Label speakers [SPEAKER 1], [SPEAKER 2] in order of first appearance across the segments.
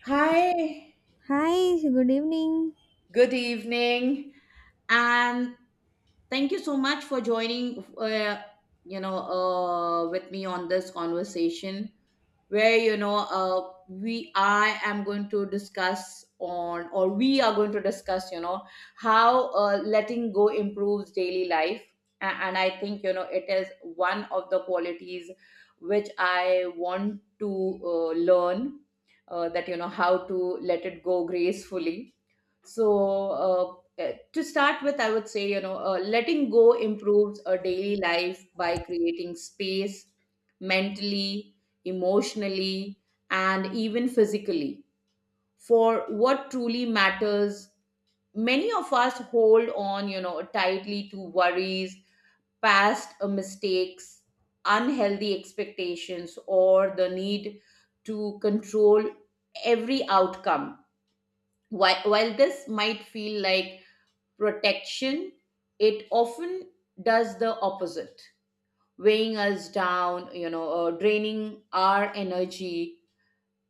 [SPEAKER 1] Hi,
[SPEAKER 2] Hi, good evening.
[SPEAKER 1] good evening, and thank you so much for joining. With me on this conversation where you know we I am going to discuss on, or we are going to discuss how letting go improves daily life. And I think you know it is one of the qualities which I want to learn, that you know how to let it go gracefully. so to start with, I would say letting go improves a daily life by creating space mentally, emotionally, and even physically for what truly matters. Many of us hold on, you know, tightly to worries, past mistakes, unhealthy expectations, or the need to control every outcome. While this might feel like protection, it often does the opposite, weighing us down, you know, draining our energy.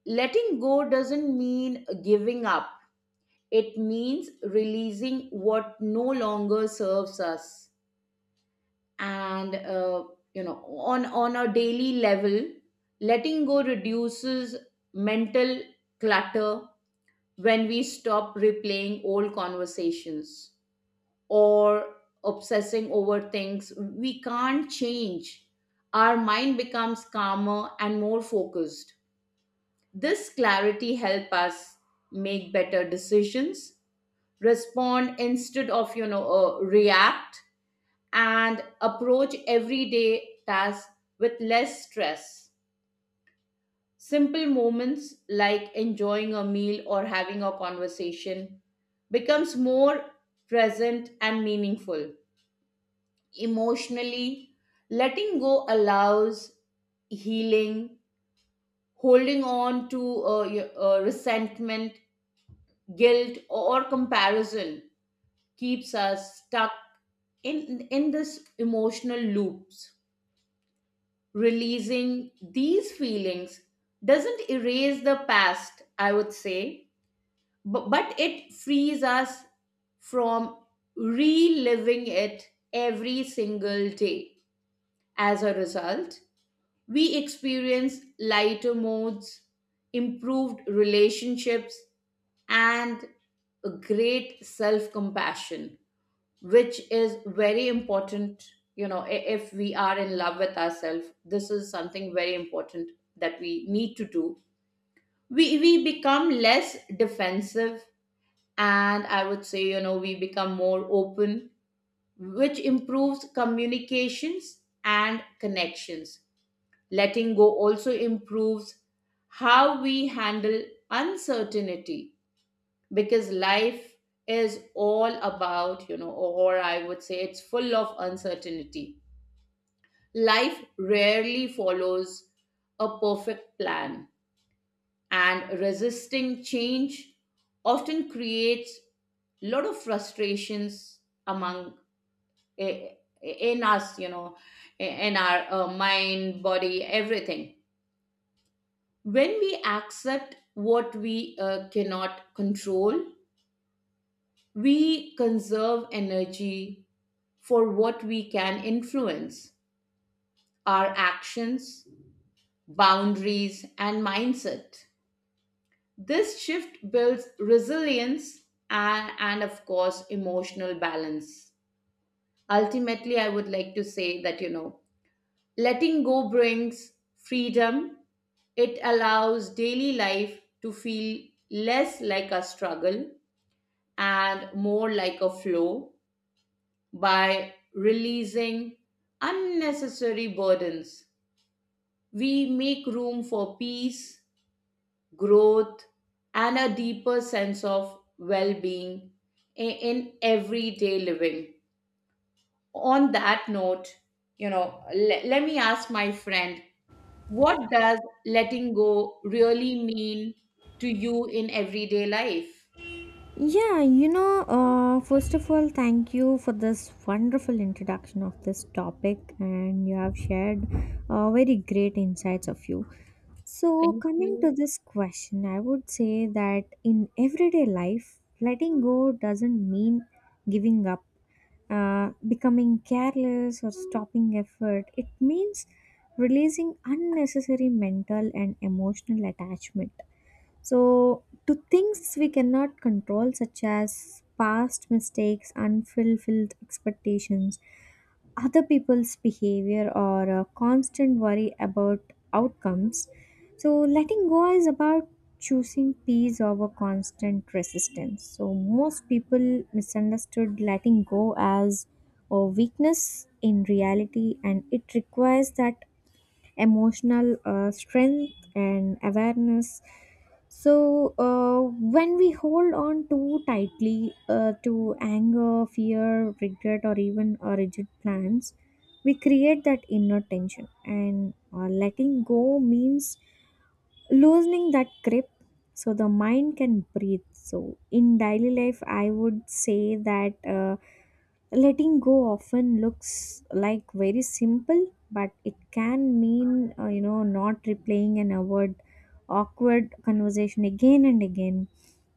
[SPEAKER 1] Letting go doesn't mean giving up, it means releasing what no longer serves us. And, you know, on a daily level, letting go reduces mental clutter. When we stop replaying old conversations or obsessing over things we can't change, our mind becomes calmer and more focused. This clarity help us make better decisions, respond instead of react, and approach everyday tasks with less stress. Simple moments like enjoying a meal or having a conversation becomes more present and meaningful. Emotionally, letting go allows healing. Holding on to resentment, guilt, or comparison keeps us stuck in this emotional loops. Releasing these feelings doesn't erase the past, I would say, but it frees us from reliving it every single day. As a result, we experience lighter moods, improved relationships, and a great self compassion, which is very important. You know, if we are in love with ourselves, this is something very important that we need to do. We become less defensive, and I would say you know we become more open, which improves communications and connections. Letting go also improves how we handle uncertainty, because life is all about, you know, or I would say it's full of uncertainty. Life rarely follows a perfect plan, and resisting change often creates a lot of frustrations among i- in us, you know, in our mind, body, everything. When we accept what we cannot control, we conserve energy for what we can influence: our actions, boundaries, and mindset. This shift builds resilience and, of course, emotional balance. Ultimately, I would like to say that, you know, letting go brings freedom. It allows daily life to feel less like a struggle and more like a flow. By releasing unnecessary burdens, we make room for peace, growth, and a deeper sense of well being in everyday living. On that note, you know, let me ask my friend, what does letting go really mean to you in everyday life?
[SPEAKER 2] First of all, thank you for this wonderful introduction of this topic, and you have shared very great insights of you. So,
[SPEAKER 1] Thank
[SPEAKER 2] coming to
[SPEAKER 1] you.
[SPEAKER 2] this question, I would say that in everyday life, letting go doesn't mean giving up, becoming careless, or stopping effort. It means releasing unnecessary mental and emotional attachment so, to things we cannot control, such as past mistakes, unfulfilled expectations, other people's behavior, or a constant worry about outcomes. So, letting go is about choosing peace over constant resistance. So, most people misunderstood letting go as a weakness in reality, and it requires that emotional strength and awareness. so uh, when we hold on too tightly to anger, fear, regret, or even rigid plans, we create that inner tension, and letting go means loosening that grip so the mind can breathe. So in daily life I would say that letting go often looks like very simple, but it can mean, you know, not replaying an awkward conversation again and again,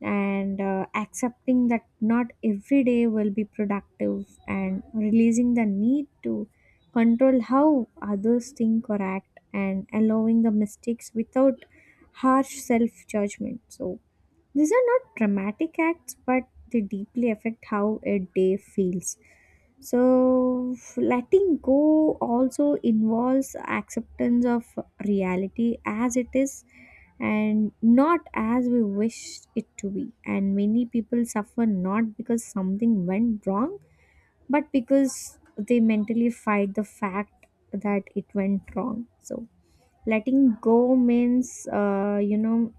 [SPEAKER 2] and accepting that not every day will be productive, and releasing the need to control how others think or act, and allowing the mistakes without harsh self judgment. So, these are not dramatic acts, but they deeply affect how a day feels. So, letting go also involves acceptance of reality as it is, and not as we wish it to be. And many people suffer not because something went wrong, but because they mentally fight the fact that it went wrong. So, letting go means, you know,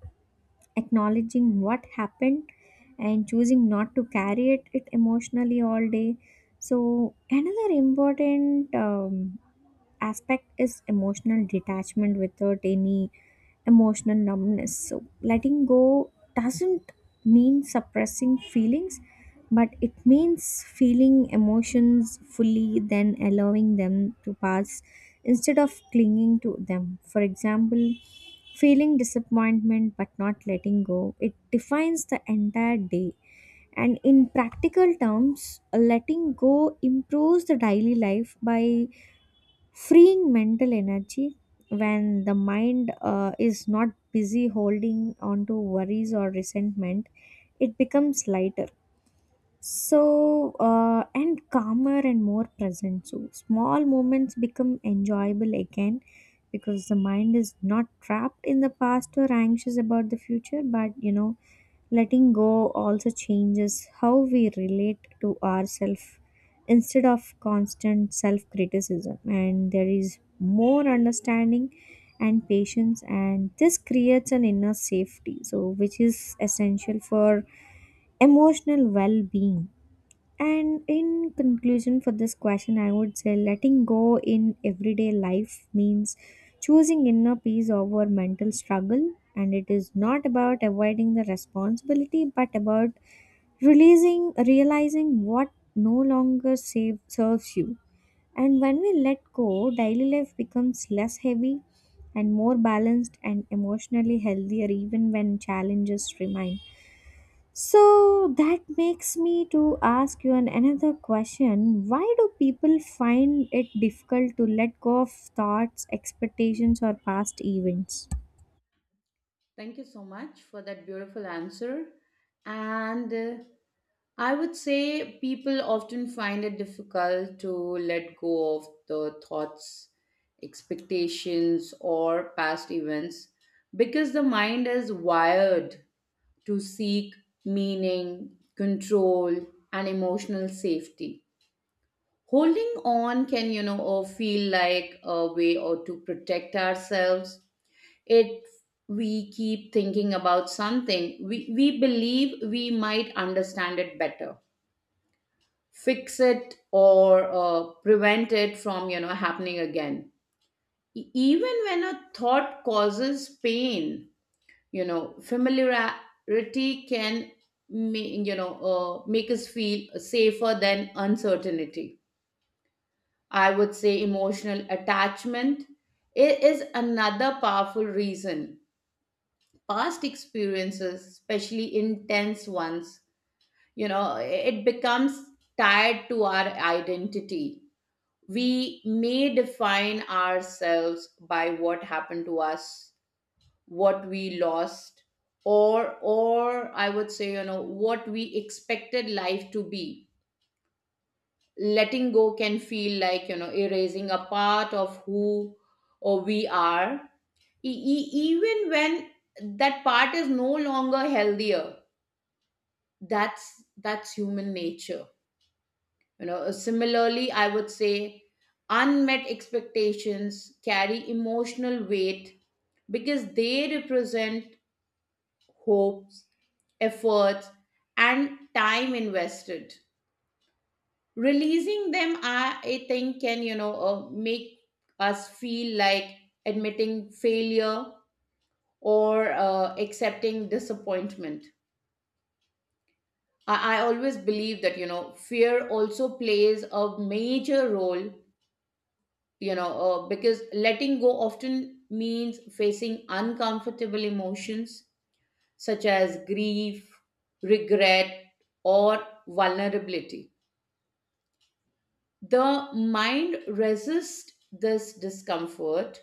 [SPEAKER 2] acknowledging what happened and choosing not to carry it emotionally all day. So another important aspect is emotional detachment without any emotional numbness. So, letting go doesn't mean suppressing feelings, but it means feeling emotions fully, then allowing them to pass instead of clinging to them. For example, feeling disappointment but not letting go, it defines the entire day. And in practical terms, letting go improves the daily life by freeing mental energy. When the mind is not busy holding on to worries or resentment, it becomes lighter, and calmer and more present. So, small moments become enjoyable again, because the mind is not trapped in the past or anxious about the future. But you know, letting go also changes how we relate to ourselves. Instead of constant self criticism, and there is more understanding and patience, and this creates an inner safety, so which is essential for emotional well being. And in conclusion, for this question, I would say letting go in everyday life means choosing inner peace over mental struggle. And it is not about avoiding the responsibility, but about realizing what no longer save, serves you. And when we let go, daily life becomes less heavy and more balanced and emotionally healthier, even when challenges remain. So that makes me to ask you an another question. Why do people find it difficult to let go of thoughts, expectations, or past events?
[SPEAKER 1] Thank you so much for that beautiful answer. And I would say people often find it difficult to let go of the thoughts, expectations, or past events because the mind is wired to seek meaning, control, and emotional safety. Holding on can, you know, or feel like a way or to protect ourselves. If we keep thinking about something, we believe we might understand it better, fix it, or prevent it from you know happening again. Even when a thought causes pain, you know familiarity can make us feel safer than uncertainty. I would say emotional attachment is another powerful reason. Past experiences, especially intense ones, you know, it becomes tied to our identity. We may define ourselves by what happened to us, what we lost, or I would say, you know, what we expected life to be. Letting go can feel like, you know, erasing a part of who or we are, even when that part is no longer healthier. That's human nature, you know. Similarly, I would say unmet expectations carry emotional weight because they represent hopes, efforts, and time invested. Releasing them, I think, can make us feel like admitting failure or accepting disappointment. I always believe that you know fear also plays a major role, because letting go often means facing uncomfortable emotions such as grief, regret, or vulnerability. The mind resists this discomfort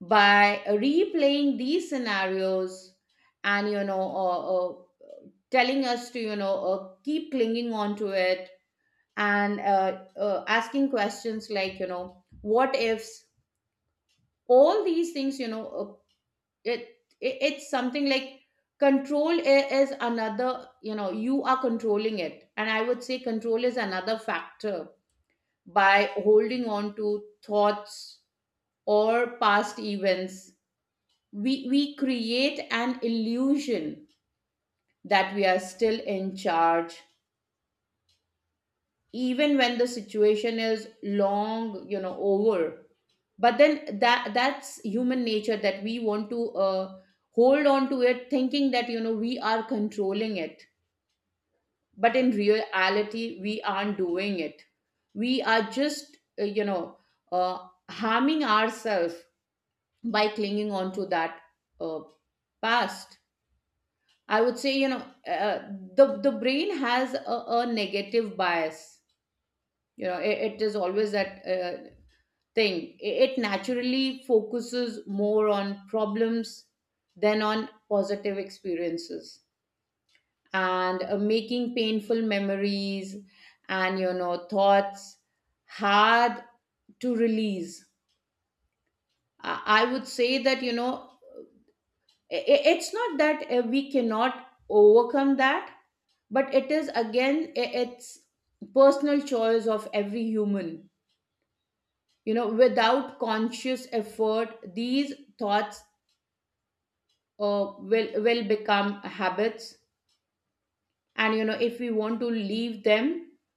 [SPEAKER 1] by replaying these scenarios and, telling us to keep clinging on to it and asking questions like, you know, what ifs. All these things, you know, it, it it's something like control is another, you know, you are controlling it, and I would say control is another factor. By holding on to thoughts or past events, we create an illusion that we are still in charge, even when the situation is long you know over. But then that that's human nature, that we want to hold on to it thinking that you know we are controlling it, but in reality we aren't doing it. We are just, you know, harming ourselves by clinging on to that uh, past. I would say, you know, the brain has a negative bias, you know. It is always that thing. It naturally focuses more on problems than on positive experiences, and making painful memories and you know thoughts hard to release. I would say that you know it's not that we cannot overcome that, but it is again it's personal choice of every human. You know, without conscious effort, these thoughts will become habits, and you know if we want to leave them,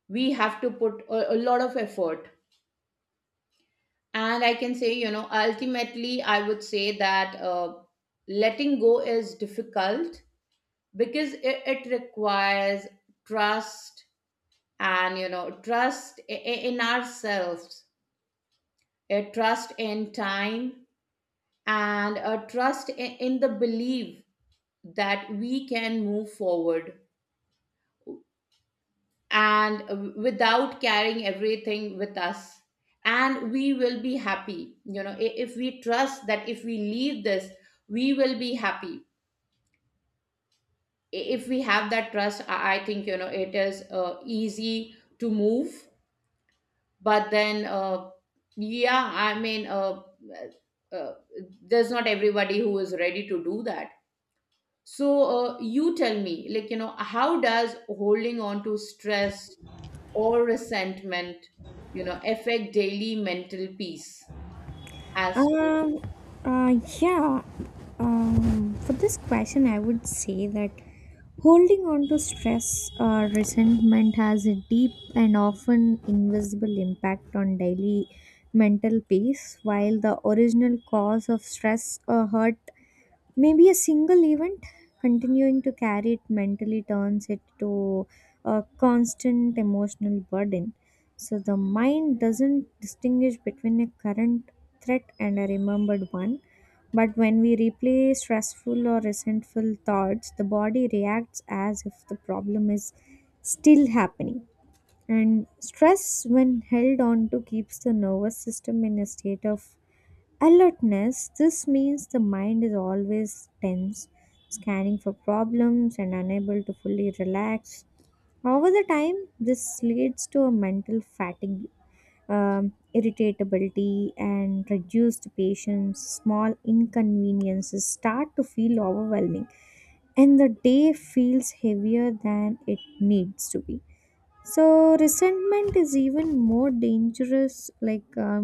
[SPEAKER 1] we have to put a lot of effort. And I can say, you know, ultimately I would say that, letting go is difficult because it requires trust. And you know trust in ourselves, a trust in time, and a trust in the belief that we can move forward and without carrying everything with us, and we will be happy. You know, if we trust that if we leave this, we will be happy. If we have that trust, I think you know it is easy to move. But then, yeah, I mean, uh, uh, there's not everybody who is ready to do that. So, you tell me, like, you know, how does holding on to stress or resentment, you know, affect daily mental peace as...
[SPEAKER 2] Um, yeah. For this question, I would say that holding on to stress or resentment has a deep and often invisible impact on daily mental peace. While the original cause of stress or hurt maybe a single event, continuing to carry it mentally turns it to a constant emotional burden. So the mind doesn't distinguish between a current threat and a remembered one. But when we replay stressful or resentful thoughts, the body reacts as if the problem is still happening. And stress, when held on to, keeps the nervous system in a state of alertness. This means the mind is always tense, scanning for problems, and unable to fully relax. Over the time, this leads to a mental fatigue, irritability, and reduced patience. Small inconveniences start to feel overwhelming, and the day feels heavier than it needs to be. So resentment is even more dangerous, like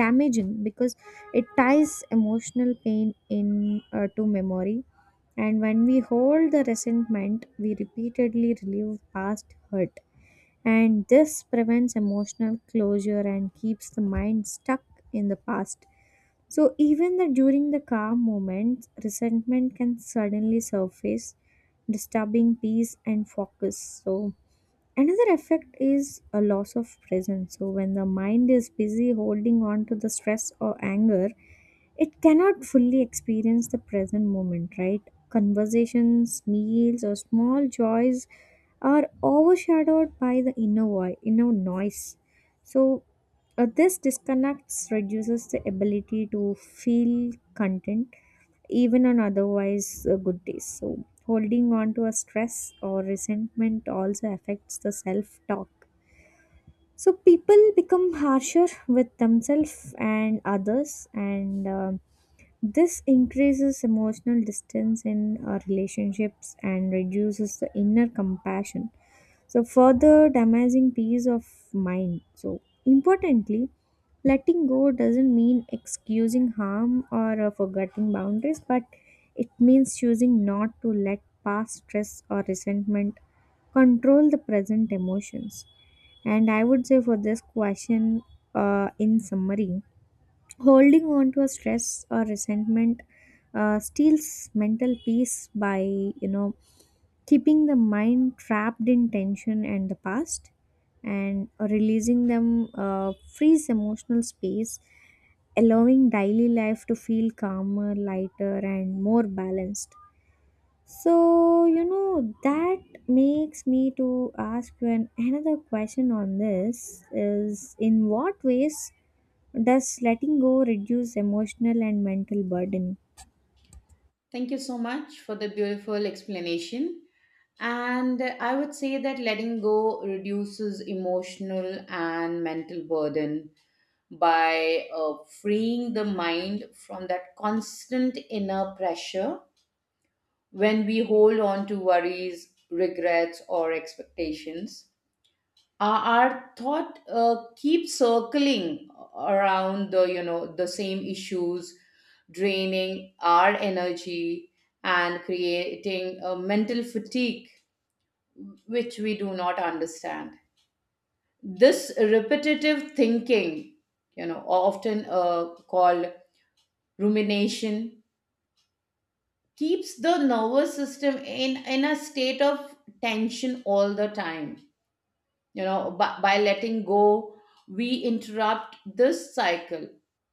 [SPEAKER 2] damaging, because it ties emotional pain in to memory. And when we hold the resentment, we repeatedly relive past hurt, and this prevents emotional closure and keeps the mind stuck in the past. So even during the calm moments, resentment can suddenly surface, disturbing peace and focus. So another effect is a loss of presence. So, when the mind is busy holding on to the stress or anger, it cannot fully experience the present moment, right? Conversations, meals, or small joys are overshadowed by the inner noise. So, this disconnects reduces the ability to feel content even on otherwise good days. So, holding on to a stress or resentment also affects the self talk. So, people become harsher with themselves and others, and this increases emotional distance in our relationships and reduces the inner compassion, so further damaging peace of mind. So, importantly, letting go doesn't mean excusing harm or forgetting boundaries, but it means choosing not to let past stress or resentment control the present emotions. And I would say for this question, in summary, holding on to a stress or resentment steals mental peace by, you know, keeping the mind trapped in tension and the past, and releasing them frees emotional space, allowing daily life to feel calmer, lighter, and more balanced. So you know that makes me to ask you an another question on this is, in what ways does letting go reduce emotional and mental burden?
[SPEAKER 1] Thank you so much for the beautiful explanation. And I would say that letting go reduces emotional and mental burden by freeing the mind from that constant inner pressure. When we hold on to worries, regrets, or expectations, our thought keeps circling around the you know the same issues, draining our energy and creating a mental fatigue which we do not understand. This repetitive thinking, you know, often called rumination, keeps the nervous system in a state of tension all the time. You know, by letting go, we interrupt this cycle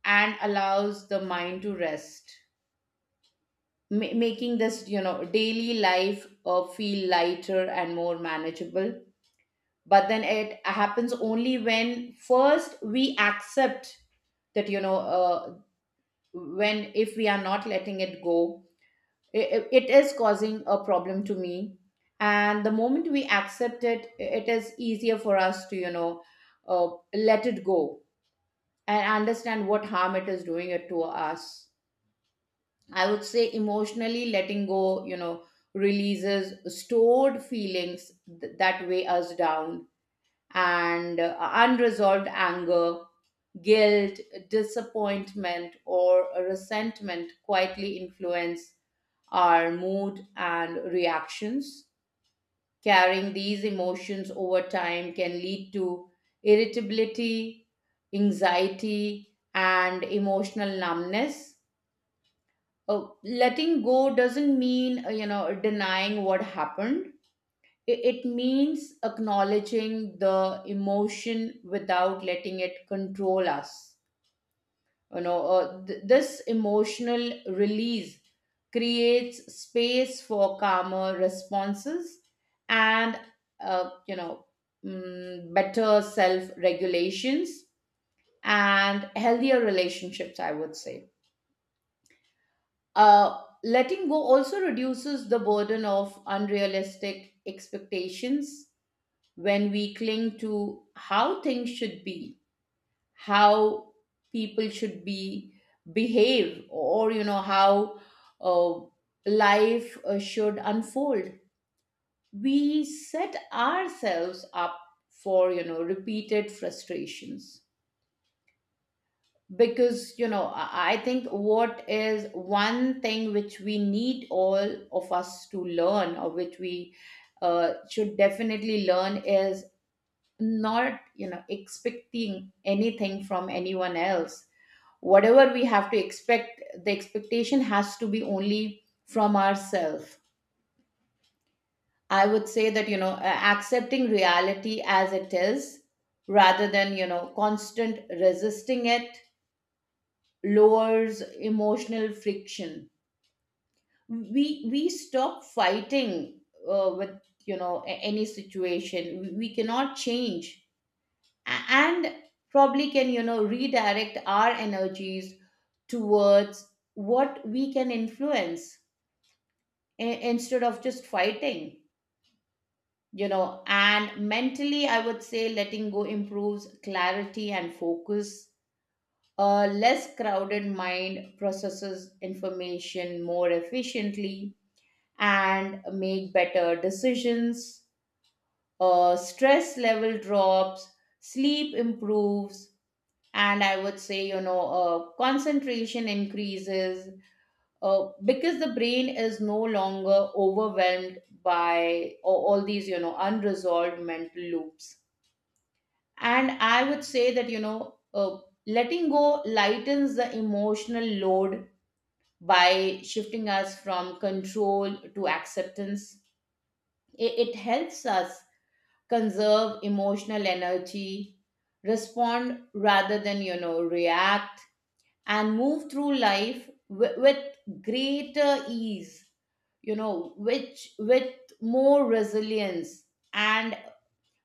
[SPEAKER 1] and allows the mind to rest, making this you know daily life feel lighter and more manageable. But then it happens only when first we accept that, you know, when if we are not letting it go, it is causing a problem to me, and the moment we accept it, it is easier for us to you know uh, let it go and understand what harm it is doing it to us. I would say emotionally letting go, you know, releases stored feelings that weigh us down. And unresolved anger, guilt, disappointment, or resentment quietly influence our mood and reactions. Carrying these emotions over time can lead to irritability, anxiety, and emotional numbness. Letting go doesn't mean, you know, denying what happened. It means acknowledging the emotion without letting it control us. This emotional release creates space for calmer responses and uh, you know better self regulations and healthier relationships, I would say. Letting go also reduces the burden of unrealistic expectations. When we cling to how things should be, how people should be, behave, or how uh, life should unfold, we set ourselves up for repeated frustrations. Because you know i I think what is one thing which we need all of us to learn, or which we should definitely learn, is not expecting anything from anyone else. Whatever we have to expect, the expectation has to be only from ourselves. I would say that, accepting reality as it is rather than constant resisting it lowers emotional friction. We stop fighting with any situation we cannot change, and probably can redirect our energies towards what we can influence, i- instead of just fighting you know and mentally, I would say letting go improves clarity and focus. A less crowded mind processes information more efficiently and make better decisions. Stress level drops, sleep improves, and I would say concentration increases, because the brain is no longer overwhelmed by all these unresolved mental loops. And I would say that, letting go lightens the emotional load by shifting us from control to acceptance. It helps us conserve emotional energy, respond rather than react, and move through life with, greater ease, you know which with more resilience, and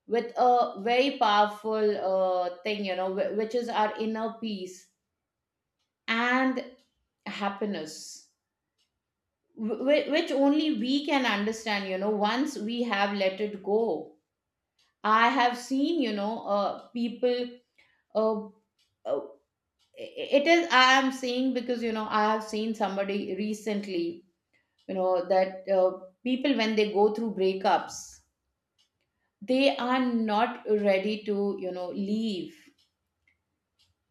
[SPEAKER 1] with a very powerful thing which is our inner peace and happiness, which only we can understand once we have let it go. I have seen, people, uh, uh, it is, I am saying, because I have seen somebody recently, that people when they go through breakups, they are not ready to leave.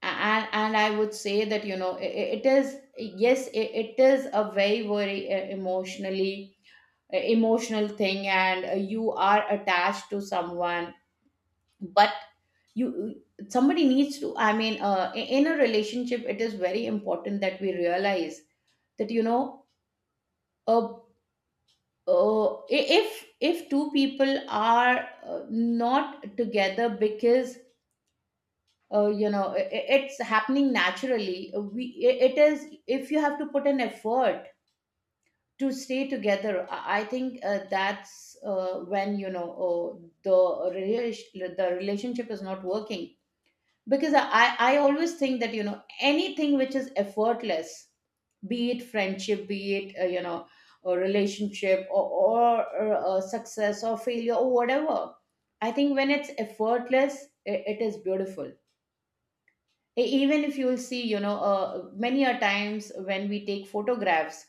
[SPEAKER 1] And I would say that, it is, yes, it is a very very emotionally, emotional thing. And you are attached to someone, but you, somebody needs to, I mean, in a relationship it is very important that we realize that, a if two people are not together because it's happening naturally, it is, if you have to put an effort to stay together, I think that's when the the relationship is not working. Because I always think that, you know, anything which is effortless, be it friendship, be it, a relationship, or success or failure or whatever. I think when it's effortless, I it is beautiful. Even if you will see, you know, many a times when we take photographs,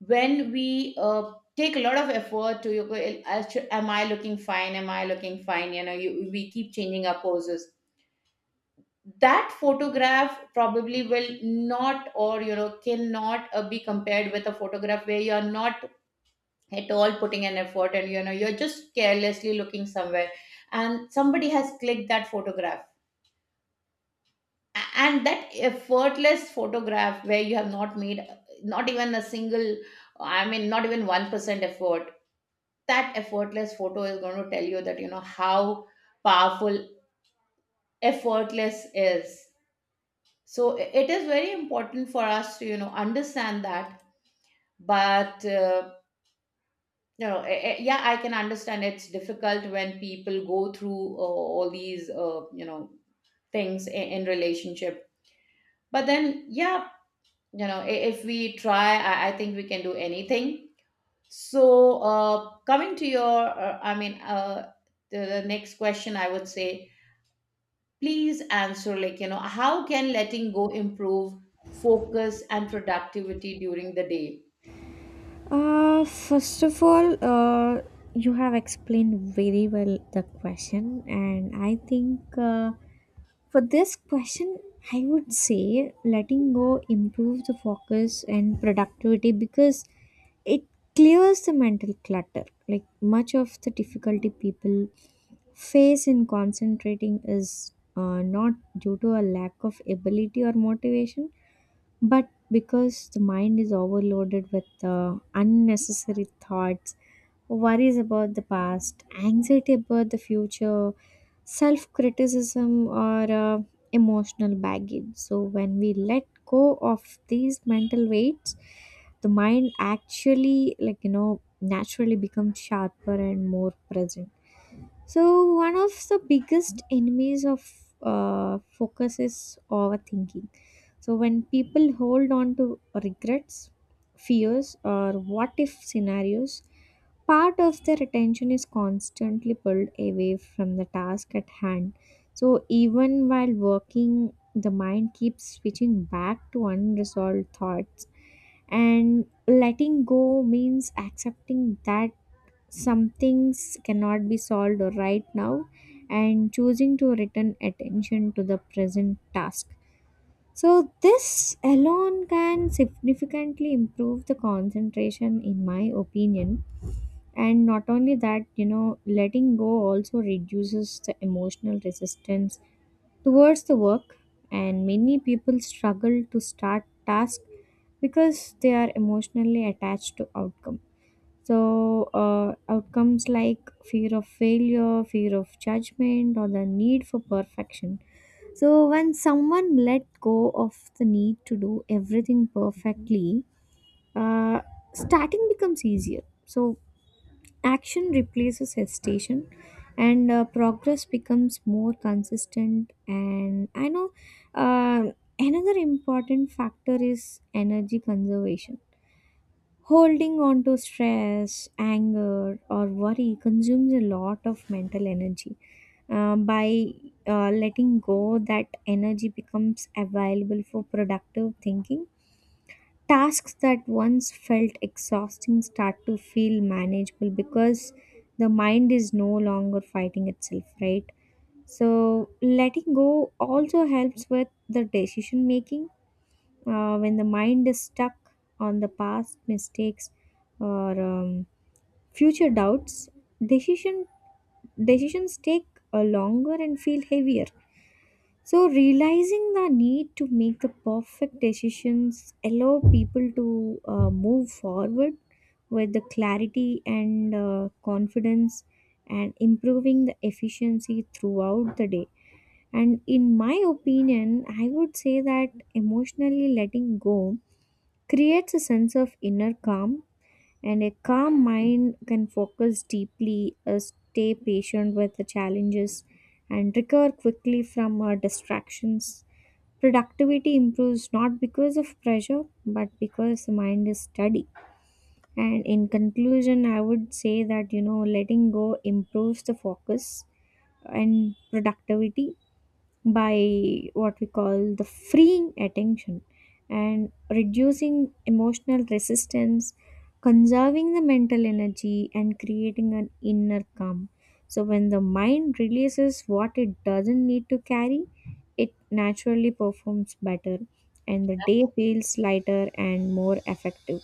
[SPEAKER 1] when we take a lot of effort to, you go, Am I looking fine? Am I looking fine?" You know, we keep changing our poses. That photograph probably will not, or you know, cannot be compared with a photograph where you are not at all putting an effort, and you know you're just carelessly looking somewhere and somebody has clicked that photograph. And that effortless photograph where you have not made not even a single, I mean not even 1% effort, that effortless photo is going to tell you that, you know, how powerful effortless is. So it is very important for us to, you know, understand that. But no, yeah, I can understand, it's difficult when people go through all these, things in, relationship. But then, yeah, you know, if we try, I think we can do anything. So, coming to your, I mean, the next question, I would say, please answer like, you know, how can letting go improve focus and productivity during the day?
[SPEAKER 2] First of all, you have explained very well the question, and I think for this question, I would say letting go improves the focus and productivity because it clears the mental clutter. Like much of the difficulty people face in concentrating is not due to a lack of ability or motivation, but because the mind is overloaded with unnecessary thoughts, worries about the past, anxiety about the future, self criticism, or emotional baggage. So, when we let go of these mental weights, the mind actually, like, you know, naturally becomes sharper and more present. So, one of the biggest enemies of focus is overthinking. So, when people hold on to regrets, fears, or what if scenarios, part of their attention is constantly pulled away from the task at hand. So, even while working, the mind keeps switching back to unresolved thoughts, and letting go means accepting that some things cannot be solved right now, and choosing to return attention to the present task. So, this alone can significantly improve the concentration, in my opinion. And not only that, you know, letting go also reduces the emotional resistance towards the work. And many people struggle to start tasks because they are emotionally attached to outcome. So, outcomes like fear of failure, fear of judgment, or the need for perfection. So when someone let go of the need to do everything perfectly, uh, starting becomes easier. So action replaces hesitation, and progress becomes more consistent. And I know, uh, another important factor is energy conservation. Holding on to stress, anger, or worry consumes a lot of mental energy. By letting go, that energy becomes available for productive thinking. Tasks that once felt exhausting start to feel manageable because the mind is no longer fighting itself, right? So, letting go also helps with the decision making. When the mind is stuck on the past mistakes or future doubts, decision decisions take longer and feel heavier. So realizing the need to make the perfect decisions allow people to move forward with the clarity and confidence, and improving the efficiency throughout the day. And in my opinion, I would say that emotionally letting go creates a sense of inner calm, and a calm mind can focus deeply, stay patient with the challenges, and recover quickly from distractions. Productivity improves not because of pressure, but because the mind is steady. And in conclusion, I would say that you know letting go improves the focus and productivity by what we call the freeing attention and reducing emotional resistance, conserving the mental energy, and creating an inner calm. So, when the mind releases what it doesn't need to carry, it naturally performs better, and the day feels lighter and more effective.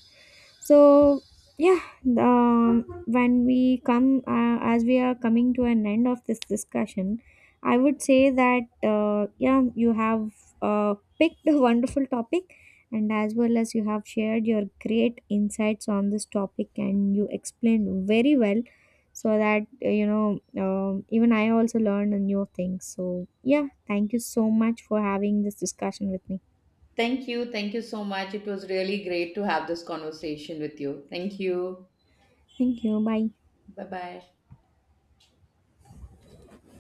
[SPEAKER 2] So yeah, when we come as we are coming to an end of this discussion, I would say that, yeah, you have picked a wonderful topic, and as well as you have shared your great insights on this topic, and you explained very well, so that you know, even I also learned a new thing. So yeah, thank you so much for having this discussion with me.
[SPEAKER 1] Thank you. Thank you so much. It was really great to have this conversation with you. Thank you.
[SPEAKER 2] Thank you. Bye.
[SPEAKER 1] Bye bye.